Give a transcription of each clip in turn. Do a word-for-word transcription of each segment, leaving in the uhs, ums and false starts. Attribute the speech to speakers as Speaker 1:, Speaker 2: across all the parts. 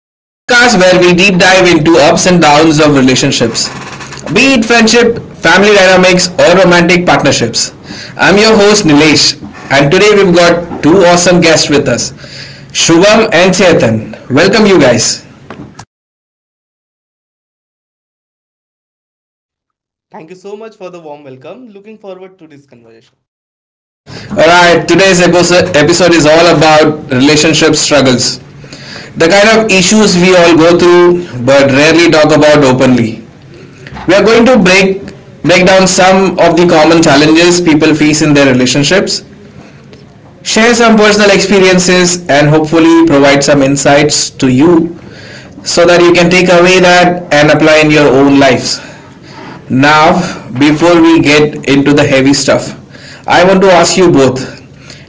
Speaker 1: the podcast where we deep dive into ups and downs of relationships, be it friendship, family dynamics, or romantic partnerships. I'm your host Nilesh, and today we've got two awesome guests with us, Shubham and Chetan. Welcome, you guys.
Speaker 2: Thank you so much for the warm welcome. Looking forward to this conversation.
Speaker 1: Alright, today's episode episode is all about relationship struggles, the kind of issues we all go through but rarely talk about openly. We are going to break break down some of the common challenges people face in their relationships, share some personal experiences, and hopefully provide some insights to you so that you can take away that and apply in your own life. Now, before we get into the heavy stuff, I want to ask you both,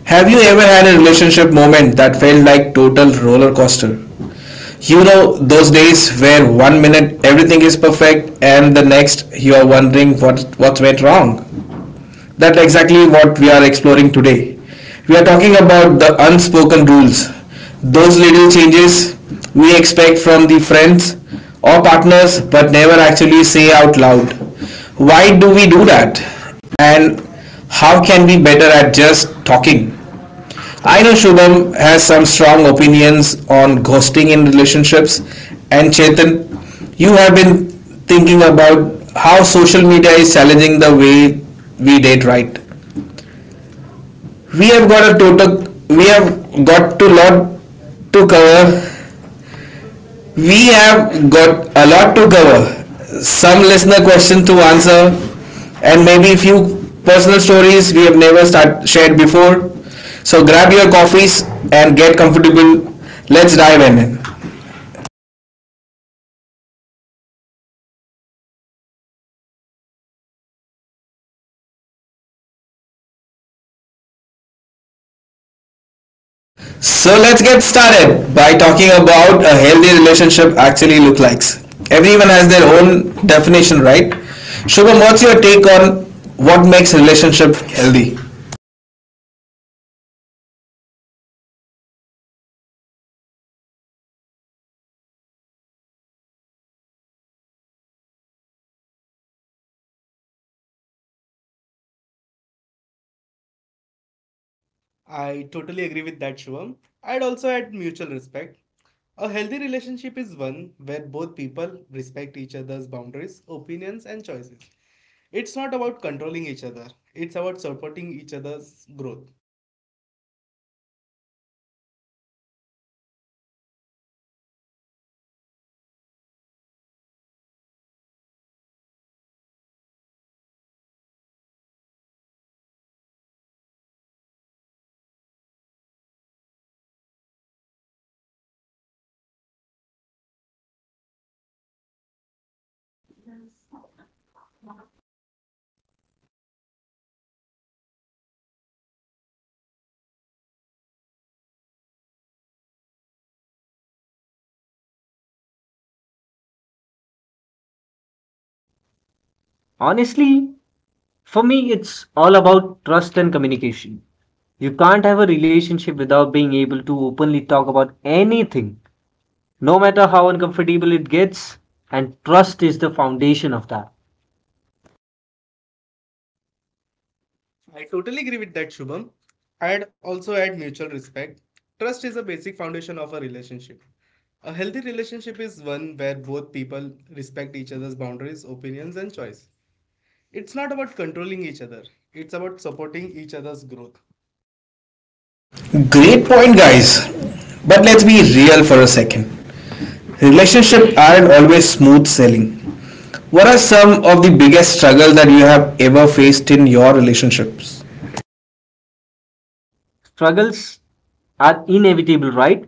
Speaker 1: have you ever had a relationship moment that felt like total roller coaster? You know those days where one minute everything is perfect and the next you are wondering what what went wrong? That's exactly what we are exploring today. We are talking about the unspoken rules, those little changes we expect from the friends or partners but never actually say out loud. Why do we do that, and how can we better at just talking? I know Shubham has some strong opinions on ghosting in relationships, and Chetan, you have been thinking about how social media is challenging the way we date, right? We have got a total, we have got to lot to cover We have got a lot to cover, some listener question to answer, and maybe a few personal stories we have never start, shared before. So grab your coffees and get comfortable. Let's dive in. So let's get started by talking about a healthy relationship actually look like. Everyone has their own definition, right? Shubham, what's your take on what makes relationship healthy?
Speaker 2: I totally agree with that, Shivam. I'd also add mutual respect. A healthy relationship is one where both people respect each other's boundaries, opinions, and choices. It's not about controlling each other, it's about supporting each other's growth.
Speaker 3: Honestly, for me, it's all about trust and communication. You can't have a relationship without being able to openly talk about anything, no matter how uncomfortable it gets, and trust is the foundation of that.
Speaker 2: I totally agree with that, Shubham. I'd also add mutual respect. Trust is a basic foundation of a relationship. A healthy relationship is one where both people respect each other's boundaries, opinions, and choice. It's not about controlling each other, it's about supporting each other's growth.
Speaker 1: Great point, guys. But let's be real for a second. Relationships aren't always smooth sailing. What are some of the biggest struggles that you have ever faced in your relationships?
Speaker 3: Struggles are inevitable, right?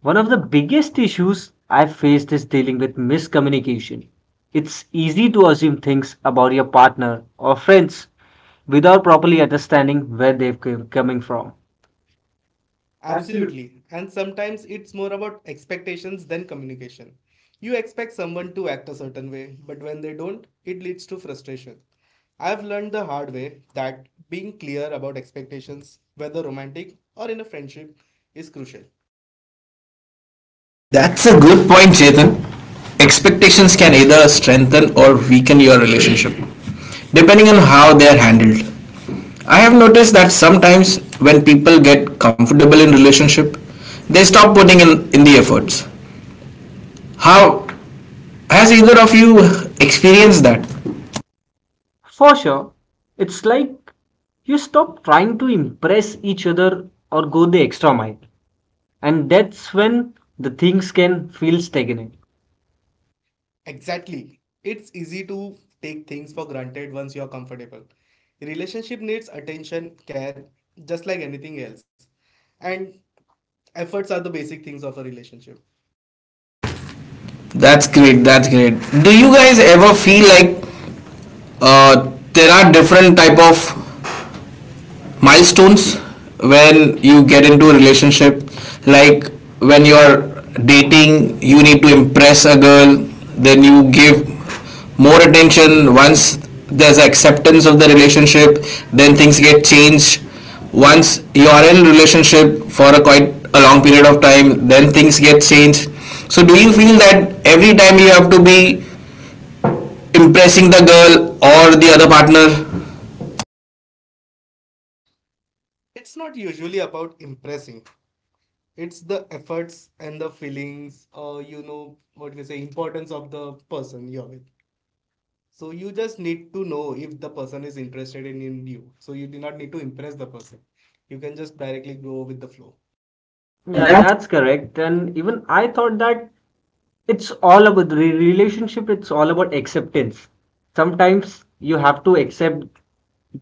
Speaker 3: One of the biggest issues I faced is dealing with miscommunication. It's easy to assume things about your partner or friends without properly understanding where they're coming from.
Speaker 2: Absolutely. And sometimes it's more about expectations than communication. You expect someone to act a certain way, but when they don't, it leads to frustration. I've learned the hard way that being clear about expectations, whether romantic or in a friendship, is crucial.
Speaker 1: That's a good point, Chetan. Expectations can either strengthen or weaken your relationship, depending on how they are handled. I have noticed that sometimes when people get comfortable in relationship, they stop putting in, in the efforts. How has either of you experienced that?
Speaker 3: For sure. It's like you stop trying to impress each other or go the extra mile. And that's when the things can feel stagnant.
Speaker 2: Exactly. It's easy to take things for granted once you're comfortable. Relationship needs attention, care, just like anything else. And efforts are the basic things of a relationship.
Speaker 1: That's great, that's great. Do you guys ever feel like uh, there are different type of milestones when you get into a relationship, like when you're dating you need to impress a girl, then you give more attention once there's acceptance of the relationship, then things get changed. Once you're in relationship for a quite a long period of time, then things get changed. So do you feel that every time you have to be impressing the girl or the other partner?
Speaker 2: It's not usually about impressing. It's the efforts and the feelings, or you know what we say, importance of the person you're with. So you just need to know if the person is interested in, in you. So you do not need to impress the person. You can just directly go with the flow.
Speaker 1: Yeah,
Speaker 3: Yeah,
Speaker 1: there are.
Speaker 3: that's correct. And even I thought that it's all about the re- relationship, it's all about acceptance. Sometimes you have to accept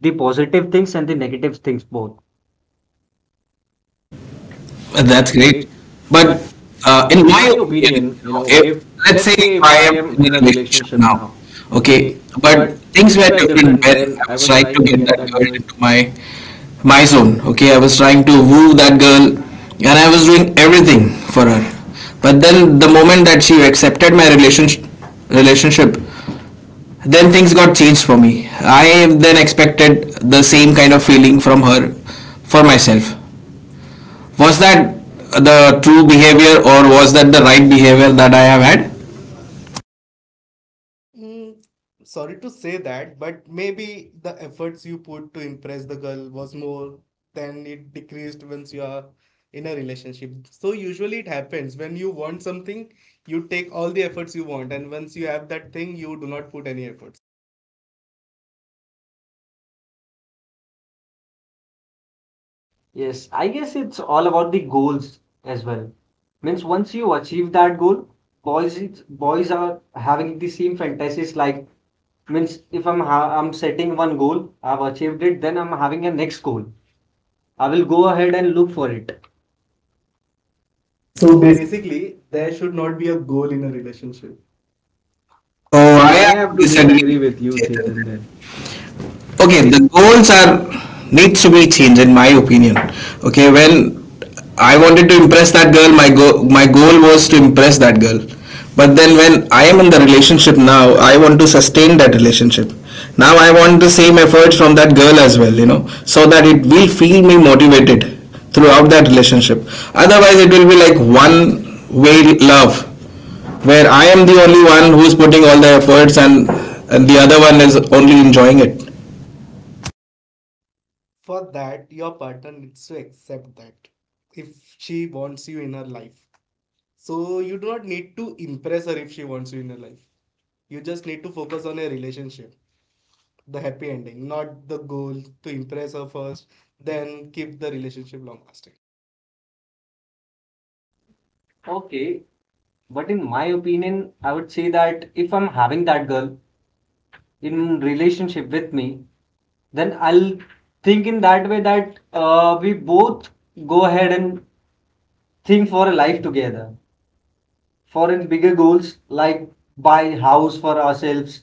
Speaker 3: the positive things and the negative things both.
Speaker 1: Well,
Speaker 3: Well,
Speaker 1: that's
Speaker 3: that's
Speaker 1: great.
Speaker 3: great.
Speaker 1: But
Speaker 3: But
Speaker 1: uh,
Speaker 3: uh,
Speaker 1: in
Speaker 3: in
Speaker 1: my
Speaker 3: my
Speaker 1: opinion,
Speaker 3: opinion,
Speaker 1: you
Speaker 3: you
Speaker 1: know,
Speaker 3: know,
Speaker 1: if
Speaker 3: if
Speaker 1: let's say
Speaker 3: let's
Speaker 1: if
Speaker 3: say if
Speaker 1: I
Speaker 3: I
Speaker 1: am
Speaker 3: am
Speaker 1: in a
Speaker 3: in a
Speaker 1: relationship
Speaker 3: relationship
Speaker 1: now,
Speaker 3: now,
Speaker 1: okay,
Speaker 3: okay,
Speaker 1: but
Speaker 3: but
Speaker 1: things
Speaker 3: things
Speaker 1: were
Speaker 3: were
Speaker 1: different
Speaker 3: different
Speaker 1: when
Speaker 3: when
Speaker 1: I
Speaker 3: I
Speaker 1: was
Speaker 3: was
Speaker 1: trying
Speaker 3: trying
Speaker 1: to
Speaker 3: to
Speaker 1: get
Speaker 3: get
Speaker 1: that
Speaker 3: that
Speaker 1: girl
Speaker 3: girl.
Speaker 1: into my my zone. Okay, I was trying to woo that girl, and I was doing everything for her. But then the moment that she accepted my relationship, relationship, then things got changed for me. I then expected the same kind of feeling from her for myself. Was that the true behavior or was that the right behavior that I have had?
Speaker 2: Mm, Sorry to say that, but maybe the efforts you put to impress the girl was more than it decreased once you are in a relationship. So usually it happens when you want something, you take all the efforts you want, and once you have that thing, you do not put any efforts.
Speaker 3: Yes, I guess it's all about the goals as well. Means once you achieve that goal, boys is- boys are having the same fantasies, like means if I'm ha I'm setting one goal, I've achieved it, then I'm having a next goal. I will go ahead and look for it.
Speaker 1: So
Speaker 3: So
Speaker 2: So
Speaker 1: basically,
Speaker 3: basically,
Speaker 2: basically, there
Speaker 3: there should
Speaker 2: should
Speaker 3: not
Speaker 2: not be
Speaker 3: be a
Speaker 2: a
Speaker 3: goal
Speaker 2: goal in
Speaker 3: in a
Speaker 2: a relationship.
Speaker 3: relationship.
Speaker 1: oh,
Speaker 3: Oh,
Speaker 1: I
Speaker 2: Oh, I.
Speaker 3: I
Speaker 1: have to
Speaker 3: have to
Speaker 1: disagree
Speaker 3: disagree
Speaker 1: with you,
Speaker 3: with you, Chetan,
Speaker 1: Chetan.
Speaker 3: then.
Speaker 1: Okay,
Speaker 3: Okay.
Speaker 1: the goals are needs to be changed in my opinion. Okay, when I wanted to impress that girl, my go- my goal was to impress that girl. But then when I am in the relationship now, I want to sustain that relationship. Now I want the same efforts from that girl as well, you know, so that it will feel me motivated throughout that relationship. Otherwise it will be like one way love, where I am the only one who's putting all the efforts, and and the other one is only enjoying it.
Speaker 2: For that, your partner needs to accept that if she wants you in her life. So you do not need to impress her if she wants you in her life. You just need to focus on your relationship, the happy ending, not the goal to impress her first, then keep the relationship long lasting.
Speaker 3: Okay, but in my opinion, I would say that if I'm having that girl in relationship with me, then I'll think in that way that uh, we both go ahead and think for a life together, for in bigger goals like buy house for ourselves,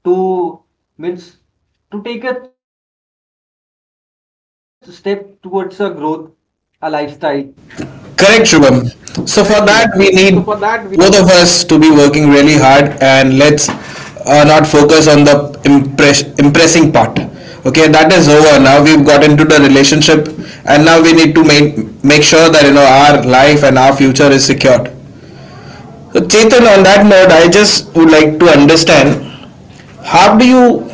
Speaker 3: to means to take a step towards a growth, a lifestyle.
Speaker 1: Correct,
Speaker 3: Correct,
Speaker 1: Shubham.
Speaker 3: Shubham.
Speaker 1: So
Speaker 3: So
Speaker 1: for
Speaker 3: for
Speaker 1: that,
Speaker 3: that,
Speaker 1: we
Speaker 3: we
Speaker 1: need both of us to be working really hard, and let's uh, not focus on the impress- impressing part. Okay, that is over. Now we've got into the relationship, and now we need to make make sure that you know our life and our future is secured. So Chetan, on that note, I just would like to understand, how do you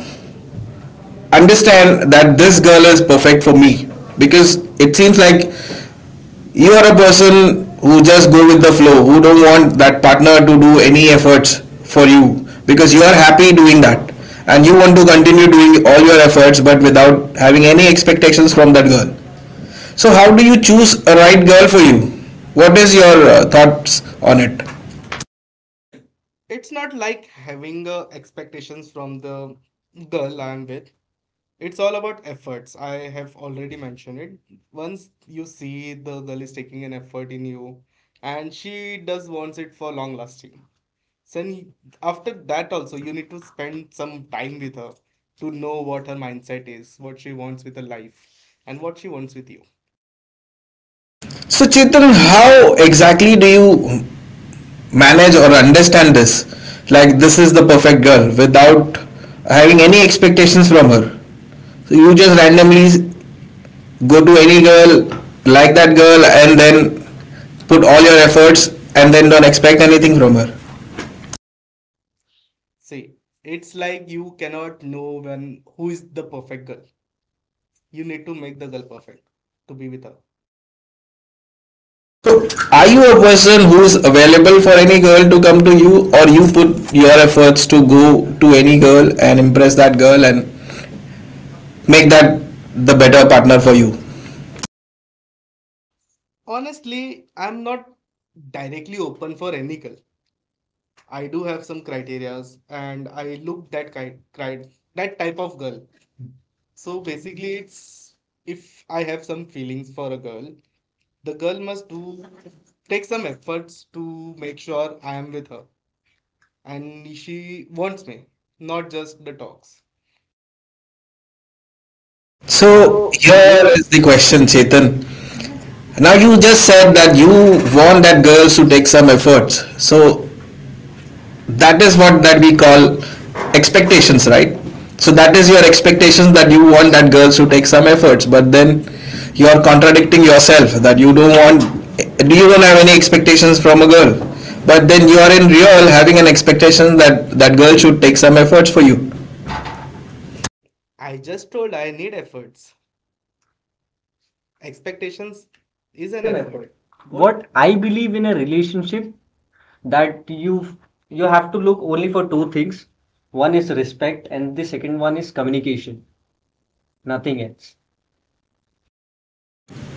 Speaker 1: understand that this girl is perfect for me? Because it seems like you are a person who just go with the flow, who don't want that partner to do any efforts for you because you are happy doing that, and you want to continue doing all your efforts but without having any expectations from that girl. So how do you choose a right girl for you? What is your uh, thoughts on it?
Speaker 2: It's not like having uh, expectations from the girl I'm with. It's all about efforts. I have already mentioned it. Once you see the girl is taking an effort in you and she does wants it for long lasting. Then after that also you need to spend some time with her to know what her mindset is, what she wants with her life, and what she wants with you.
Speaker 1: So Chetan, how exactly do you manage or understand this, like this is the perfect girl without having any expectations from her? So you just randomly go to any girl, like that girl, and then put all your efforts, and then don't expect anything from her.
Speaker 2: See, it's like you cannot know when who is the perfect girl. You need to make the girl perfect to be with her.
Speaker 1: So, are you a person who's available for any girl to come to you, or you put your efforts to go to any girl and impress that girl and make that the better partner for you?
Speaker 2: Honestly, I'm not directly open for any girl. I do have some criterias and I look that kind, cri- that type of girl. So basically, it's if I have some feelings for a girl, the girl must do take some efforts to make sure I am with her and she wants me, not just the talks.
Speaker 1: So,
Speaker 3: so here
Speaker 1: here is the question, Chetan. Now, you just said that you want that girls to take some efforts. So, that is what that we call expectations, right? So that is your expectations that you want that girls to take some efforts, but then you are contradicting yourself that you don't want, do you don't have any expectations from a girl, but then you are in real having an expectation that that girl should take some efforts for you.
Speaker 2: I just told I need efforts. Expectations is
Speaker 3: is
Speaker 2: an
Speaker 3: an
Speaker 2: effort.
Speaker 3: effort.
Speaker 2: What?
Speaker 3: What I believe in a relationship, that you you have to look only for two things. One is respect, and the second one is communication. Nothing else.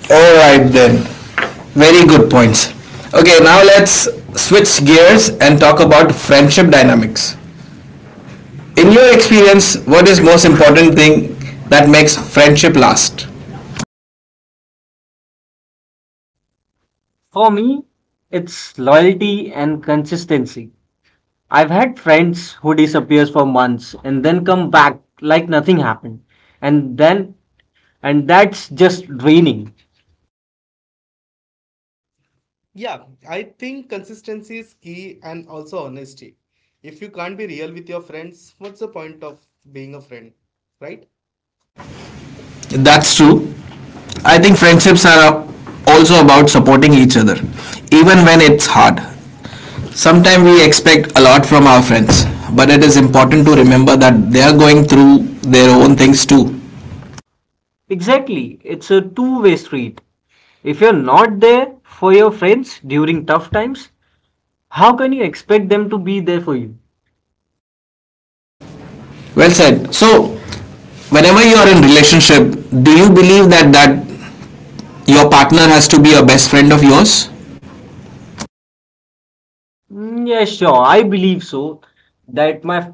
Speaker 1: All right then. Very good points. Okay, now let's switch gears and talk about friendship dynamics. In your experience, what is most important thing that makes friendship last?
Speaker 3: For me, it's loyalty and consistency. I've had friends who disappears for months and then come back like nothing happened, and then and that's just draining.
Speaker 2: Yeah, I think consistency is key and also honesty. If you can't be real with your friends, what's the point of being a friend, right?
Speaker 1: That's true. I think friendships are also about supporting each other, even when it's hard. Sometimes we expect a lot from our friends, but it is important to remember that they are going through their own things too.
Speaker 3: Exactly, it's a two-way street. If you're not there for your friends during tough times, how can you expect them to be there for you?
Speaker 1: Well said. So, whenever you are in relationship, do you believe that that your partner has to be a best friend of yours?
Speaker 3: Mm, yeah, sure. I believe so. That my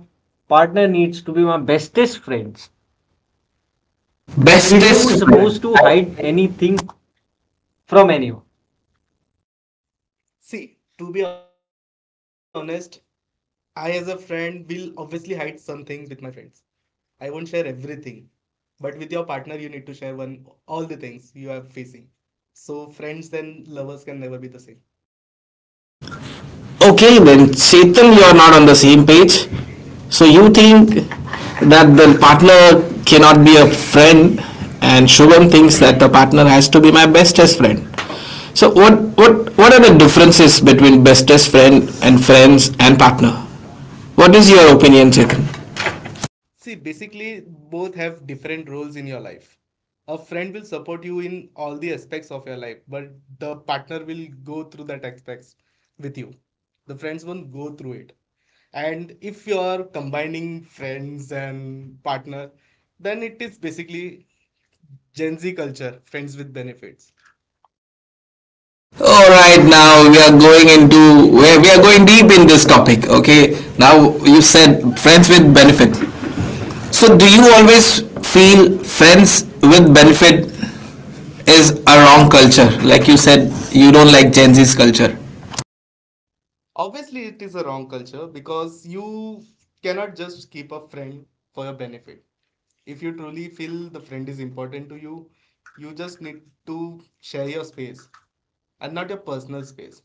Speaker 3: partner needs to be my bestest friends. That we don't bestest suppose
Speaker 1: Bestest friend.
Speaker 3: friend, supposed to hide anything from anyone.
Speaker 2: See, to be honest, I as a friend will obviously hide some things with my friends. I won't share everything. But with your partner, you need to share one all the things you are facing. So friends and lovers can never be the same.
Speaker 1: Okay, then Setal, you are not on the same page. So you think that the partner cannot be a friend, and Shubham thinks that the partner has to be my bestest friend. So what what what are the differences between bestest friend and friends and partner? What is your opinion, Chetan?
Speaker 2: See, basically, both have different roles in your life. A friend will support you in all the aspects of your life, but the partner will go through that aspects with you. The friends won't go through it. And if you are combining friends and partner, then it is basically Gen Z culture, friends with benefits.
Speaker 1: All right, now we are going into, we we are going deep in this topic. Okay, now you said friends with benefit. So do you always feel friends with benefit is a wrong culture? Like you said, you don't like Gen Z's culture.
Speaker 2: Obviously, it is a wrong culture because you cannot just keep a friend for your benefit. If you truly feel the friend is important to you, you just need to share your space and not your personal space.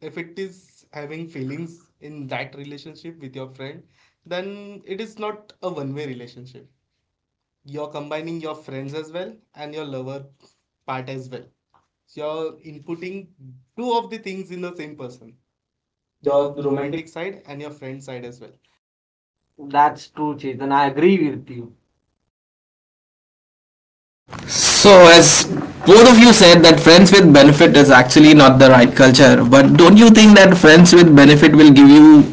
Speaker 2: If it is having feelings in that relationship with your friend, then it is not a one way relationship. You're combining your friends as well and your lover part as well. So you're inputting two of the things in the same person,
Speaker 3: Your
Speaker 2: your
Speaker 3: romantic.
Speaker 2: romantic side and your friend side as well.
Speaker 3: That's true, Chetan. I agree with you.
Speaker 1: So, as both of you said, that friends with benefit is actually not the right culture. But don't you think that friends with benefit will give you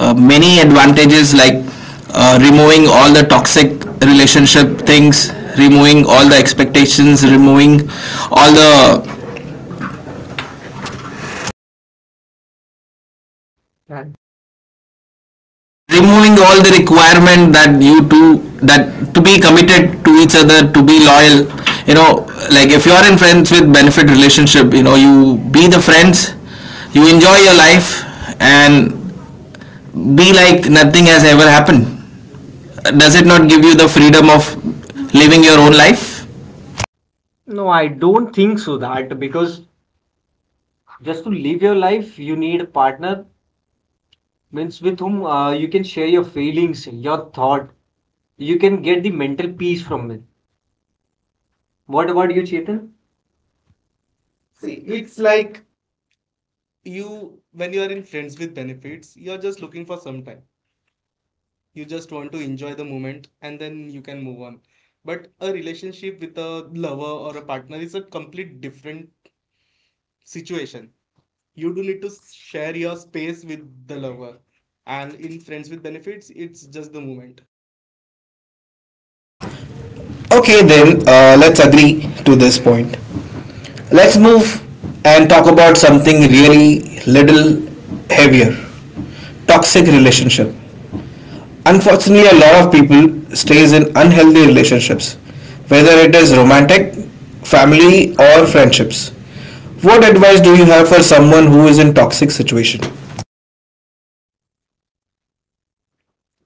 Speaker 1: uh, many advantages, like uh, removing all the toxic relationship things, removing all the expectations, removing all the
Speaker 3: And
Speaker 1: removing all the requirement that you two that to be committed to each other, to be loyal, you know, like if you're in friends with benefit relationship, you know, you be the friends, you enjoy your life, and be like nothing has ever happened. Does it not give you the freedom of living your own life?
Speaker 3: no, I don't think so, that because just to live your life, you need a partner, means with whom uh, you can share your feelings, your thought. You can get the mental peace from it. What about you, Chetan?
Speaker 2: See,
Speaker 3: See, it's
Speaker 2: it's
Speaker 3: like.
Speaker 2: like you when you are in friends with benefits, you're just looking for some time. You just want to enjoy the moment and then you can move on. But a relationship with a lover or a partner is a complete different situation. You do need to share your space with the lover. And in friends with benefits, it's just the moment.
Speaker 1: Okay, then uh, let's agree to this point. Let's move and talk about something really little heavier, toxic relationship. Unfortunately a lot of people stays in unhealthy relationships, whether it is romantic, family, or friendships. What advice do you have for someone who is in toxic situation?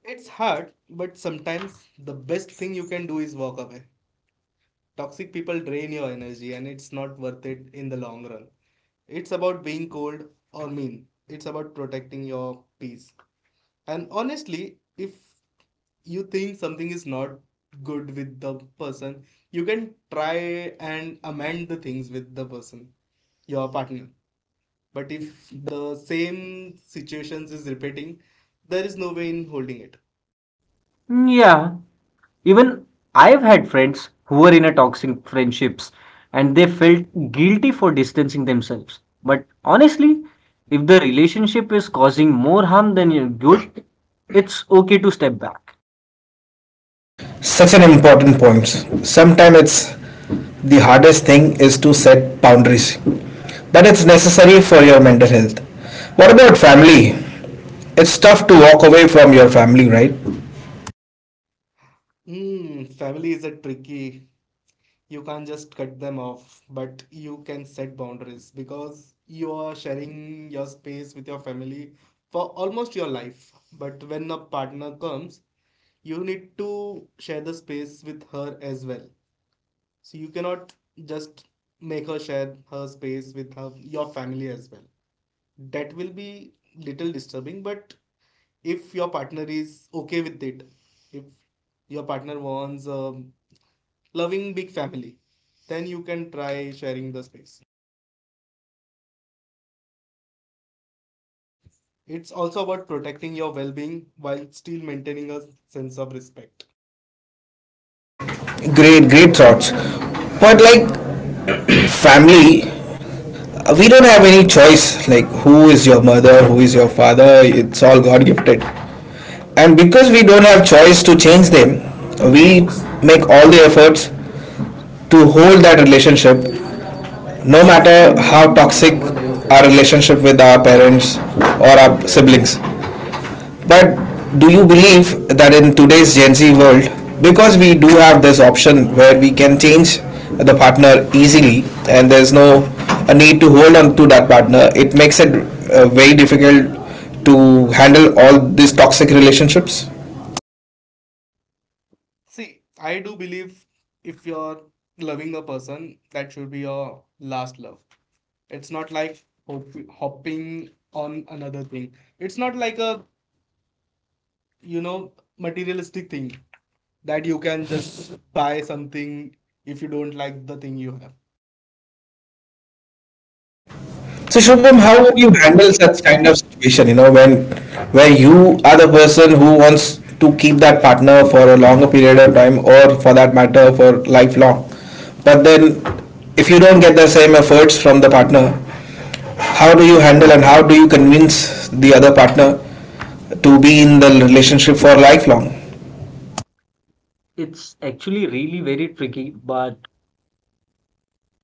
Speaker 2: It's hard, but sometimes the best thing you can do is walk away. Toxic people drain your energy and it's not worth it in the long run. It's about being cold or mean. It's about protecting your peace. And honestly, if you think something is not good with the person, you can try and amend the things with the person, your partner. But if the same situations is repeating, there is no way in holding it.
Speaker 3: Mm, yeah, even I've had friends who were in a toxic friendships and they felt guilty for distancing themselves. But honestly, if the relationship is causing more harm than good, it's okay to step back.
Speaker 1: Such an important point. Sometimes it's the hardest thing is to set boundaries, but it's necessary for your mental health. What about family? It's tough to walk away from your family, right?
Speaker 2: Hmm, family is a tricky, you can't just cut them off, but you can set boundaries because you are sharing your space with your family for almost your life. But when a partner comes, you need to share the space with her as well. So you cannot just make her share her space with her, your family as well. That will be little disturbing, but if your partner is okay with it, if your partner wants a loving big family, then you can try sharing the space. It's also about protecting your well being while still maintaining a sense of respect.
Speaker 1: Great great thoughts. But like, family, Uh, we don't have any choice, like who is your mother, who is your father, it's all god gifted. And because we don't have choice to change them, we make all the efforts to hold that relationship no matter how toxic our relationship with our parents or our siblings. But do you believe that in today's Gen Z world, because we do have this option where we can change the partner easily and there's no a need to hold on to that partner, it makes it uh, very difficult to handle all these toxic relationships?
Speaker 2: See, I do believe if you're loving a person, that should be your last love. It's not like hop- hopping on another thing. It's not like a, you know, materialistic thing that you can just buy something if you don't like the thing you have.
Speaker 1: So Shubham,
Speaker 3: Shubham,
Speaker 1: how
Speaker 3: how
Speaker 1: do
Speaker 3: would
Speaker 1: you
Speaker 3: you
Speaker 1: handle
Speaker 3: handle
Speaker 1: such
Speaker 3: such
Speaker 1: kind
Speaker 3: kind of?
Speaker 1: of situation? You know, when, where you are the person who wants to keep that partner for a longer period of time, or for that matter, for lifelong. But then, if you don't get the same efforts from the partner, how do you handle and how do you convince the other partner to be in the relationship for lifelong?
Speaker 3: It's actually really very tricky, but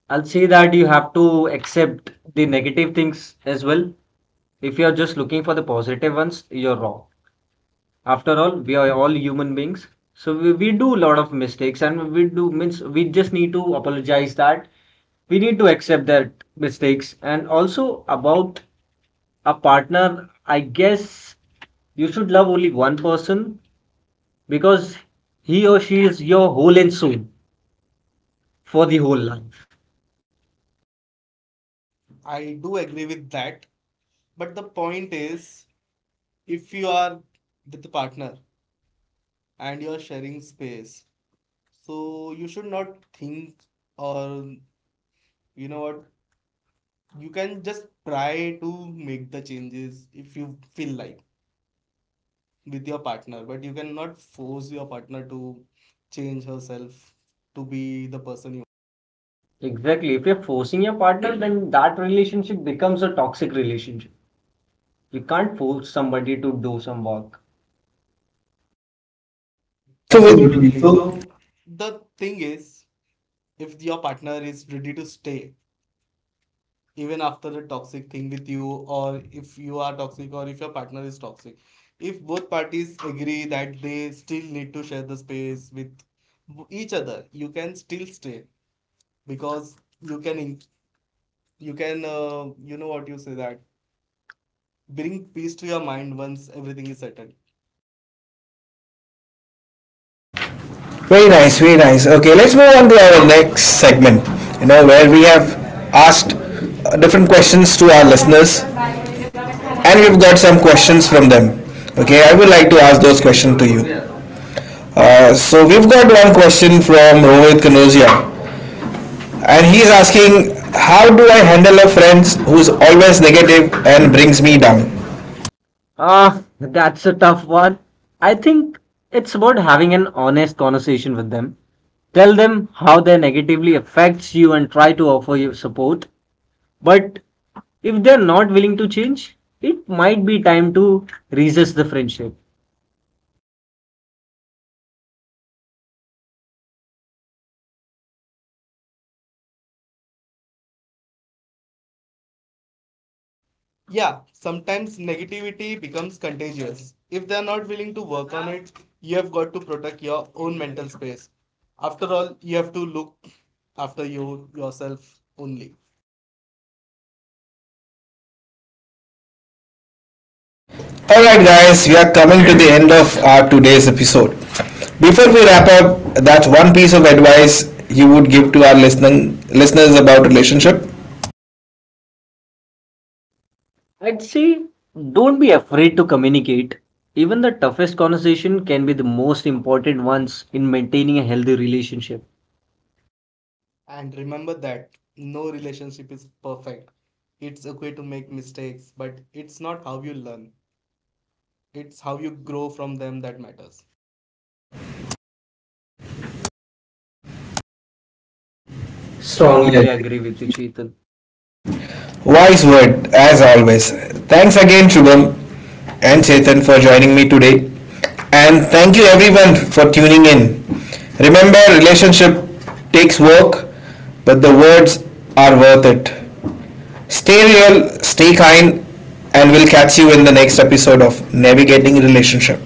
Speaker 3: I'll say that you have to accept the negative things as well. If you're just looking for the positive ones, you're wrong. After all, we are all human beings. So we, we do a lot of mistakes, and we do means we just need to apologize that we need to accept that mistakes, and also about a partner, I guess you should love only one person, because he or she is your whole and soul for the whole life.
Speaker 2: I do agree with that, but the point is if you are with a partner and you're sharing space, so you should not think or you know what, you can just try to make the changes if you feel like with your partner, but you cannot force your partner to change herself to be the person you.
Speaker 3: Exactly, if you're forcing your partner, then that relationship becomes a toxic relationship. You can't force somebody to do some work.
Speaker 1: So we-
Speaker 2: Absolutely.
Speaker 3: Absolutely.
Speaker 2: So
Speaker 3: So
Speaker 2: the thing is, if your partner is ready to stay even after a toxic thing with you, or if you are toxic, or if your partner is toxic, if both parties agree that they still need to share the space with each other, you can still stay, because you can in- you can, uh, you know what you say, that bring peace to your mind once everything is settled.
Speaker 1: Very nice, very nice. Okay, let's move on to our next segment. You know, where we have asked uh, different questions to our listeners and we've got some questions from them. Okay, I would like to ask those questions to you. Uh, so we've got one question from Rohit Kanosia, and he's asking, "How do I handle a friend who's always negative and brings me down?"
Speaker 3: ah, that's a tough one. I think it's about having an honest conversation with them. Tell them how they negatively affects you and try to offer you support. But if they're not willing to change, it might be time to resist the friendship.
Speaker 2: Yeah, sometimes negativity becomes contagious. If they are not willing to work on it, you have got to protect your own mental space. After all, you have to look after you yourself only.
Speaker 1: All right, guys, we are coming to the end of our today's episode. Before we wrap up, that's one piece of advice you would give to our listening listeners about relationship.
Speaker 3: I'd say don't be afraid to communicate. Even the toughest conversation can be the most important ones in maintaining a healthy relationship.
Speaker 2: And remember that no relationship is perfect. It's okay to make mistakes, but it's not how you learn, it's how you grow from them that matters.
Speaker 1: Strongly
Speaker 3: Strongly
Speaker 1: agree.
Speaker 3: agree with you, Chetan.
Speaker 1: Wise word, as always. Thanks again, Shubham and Chetan, for joining me today. And thank you, everyone, for tuning in. Remember, relationship takes work, but the words are worth it. Stay real, stay kind, and we'll catch you in the next episode of Navigating Relationship.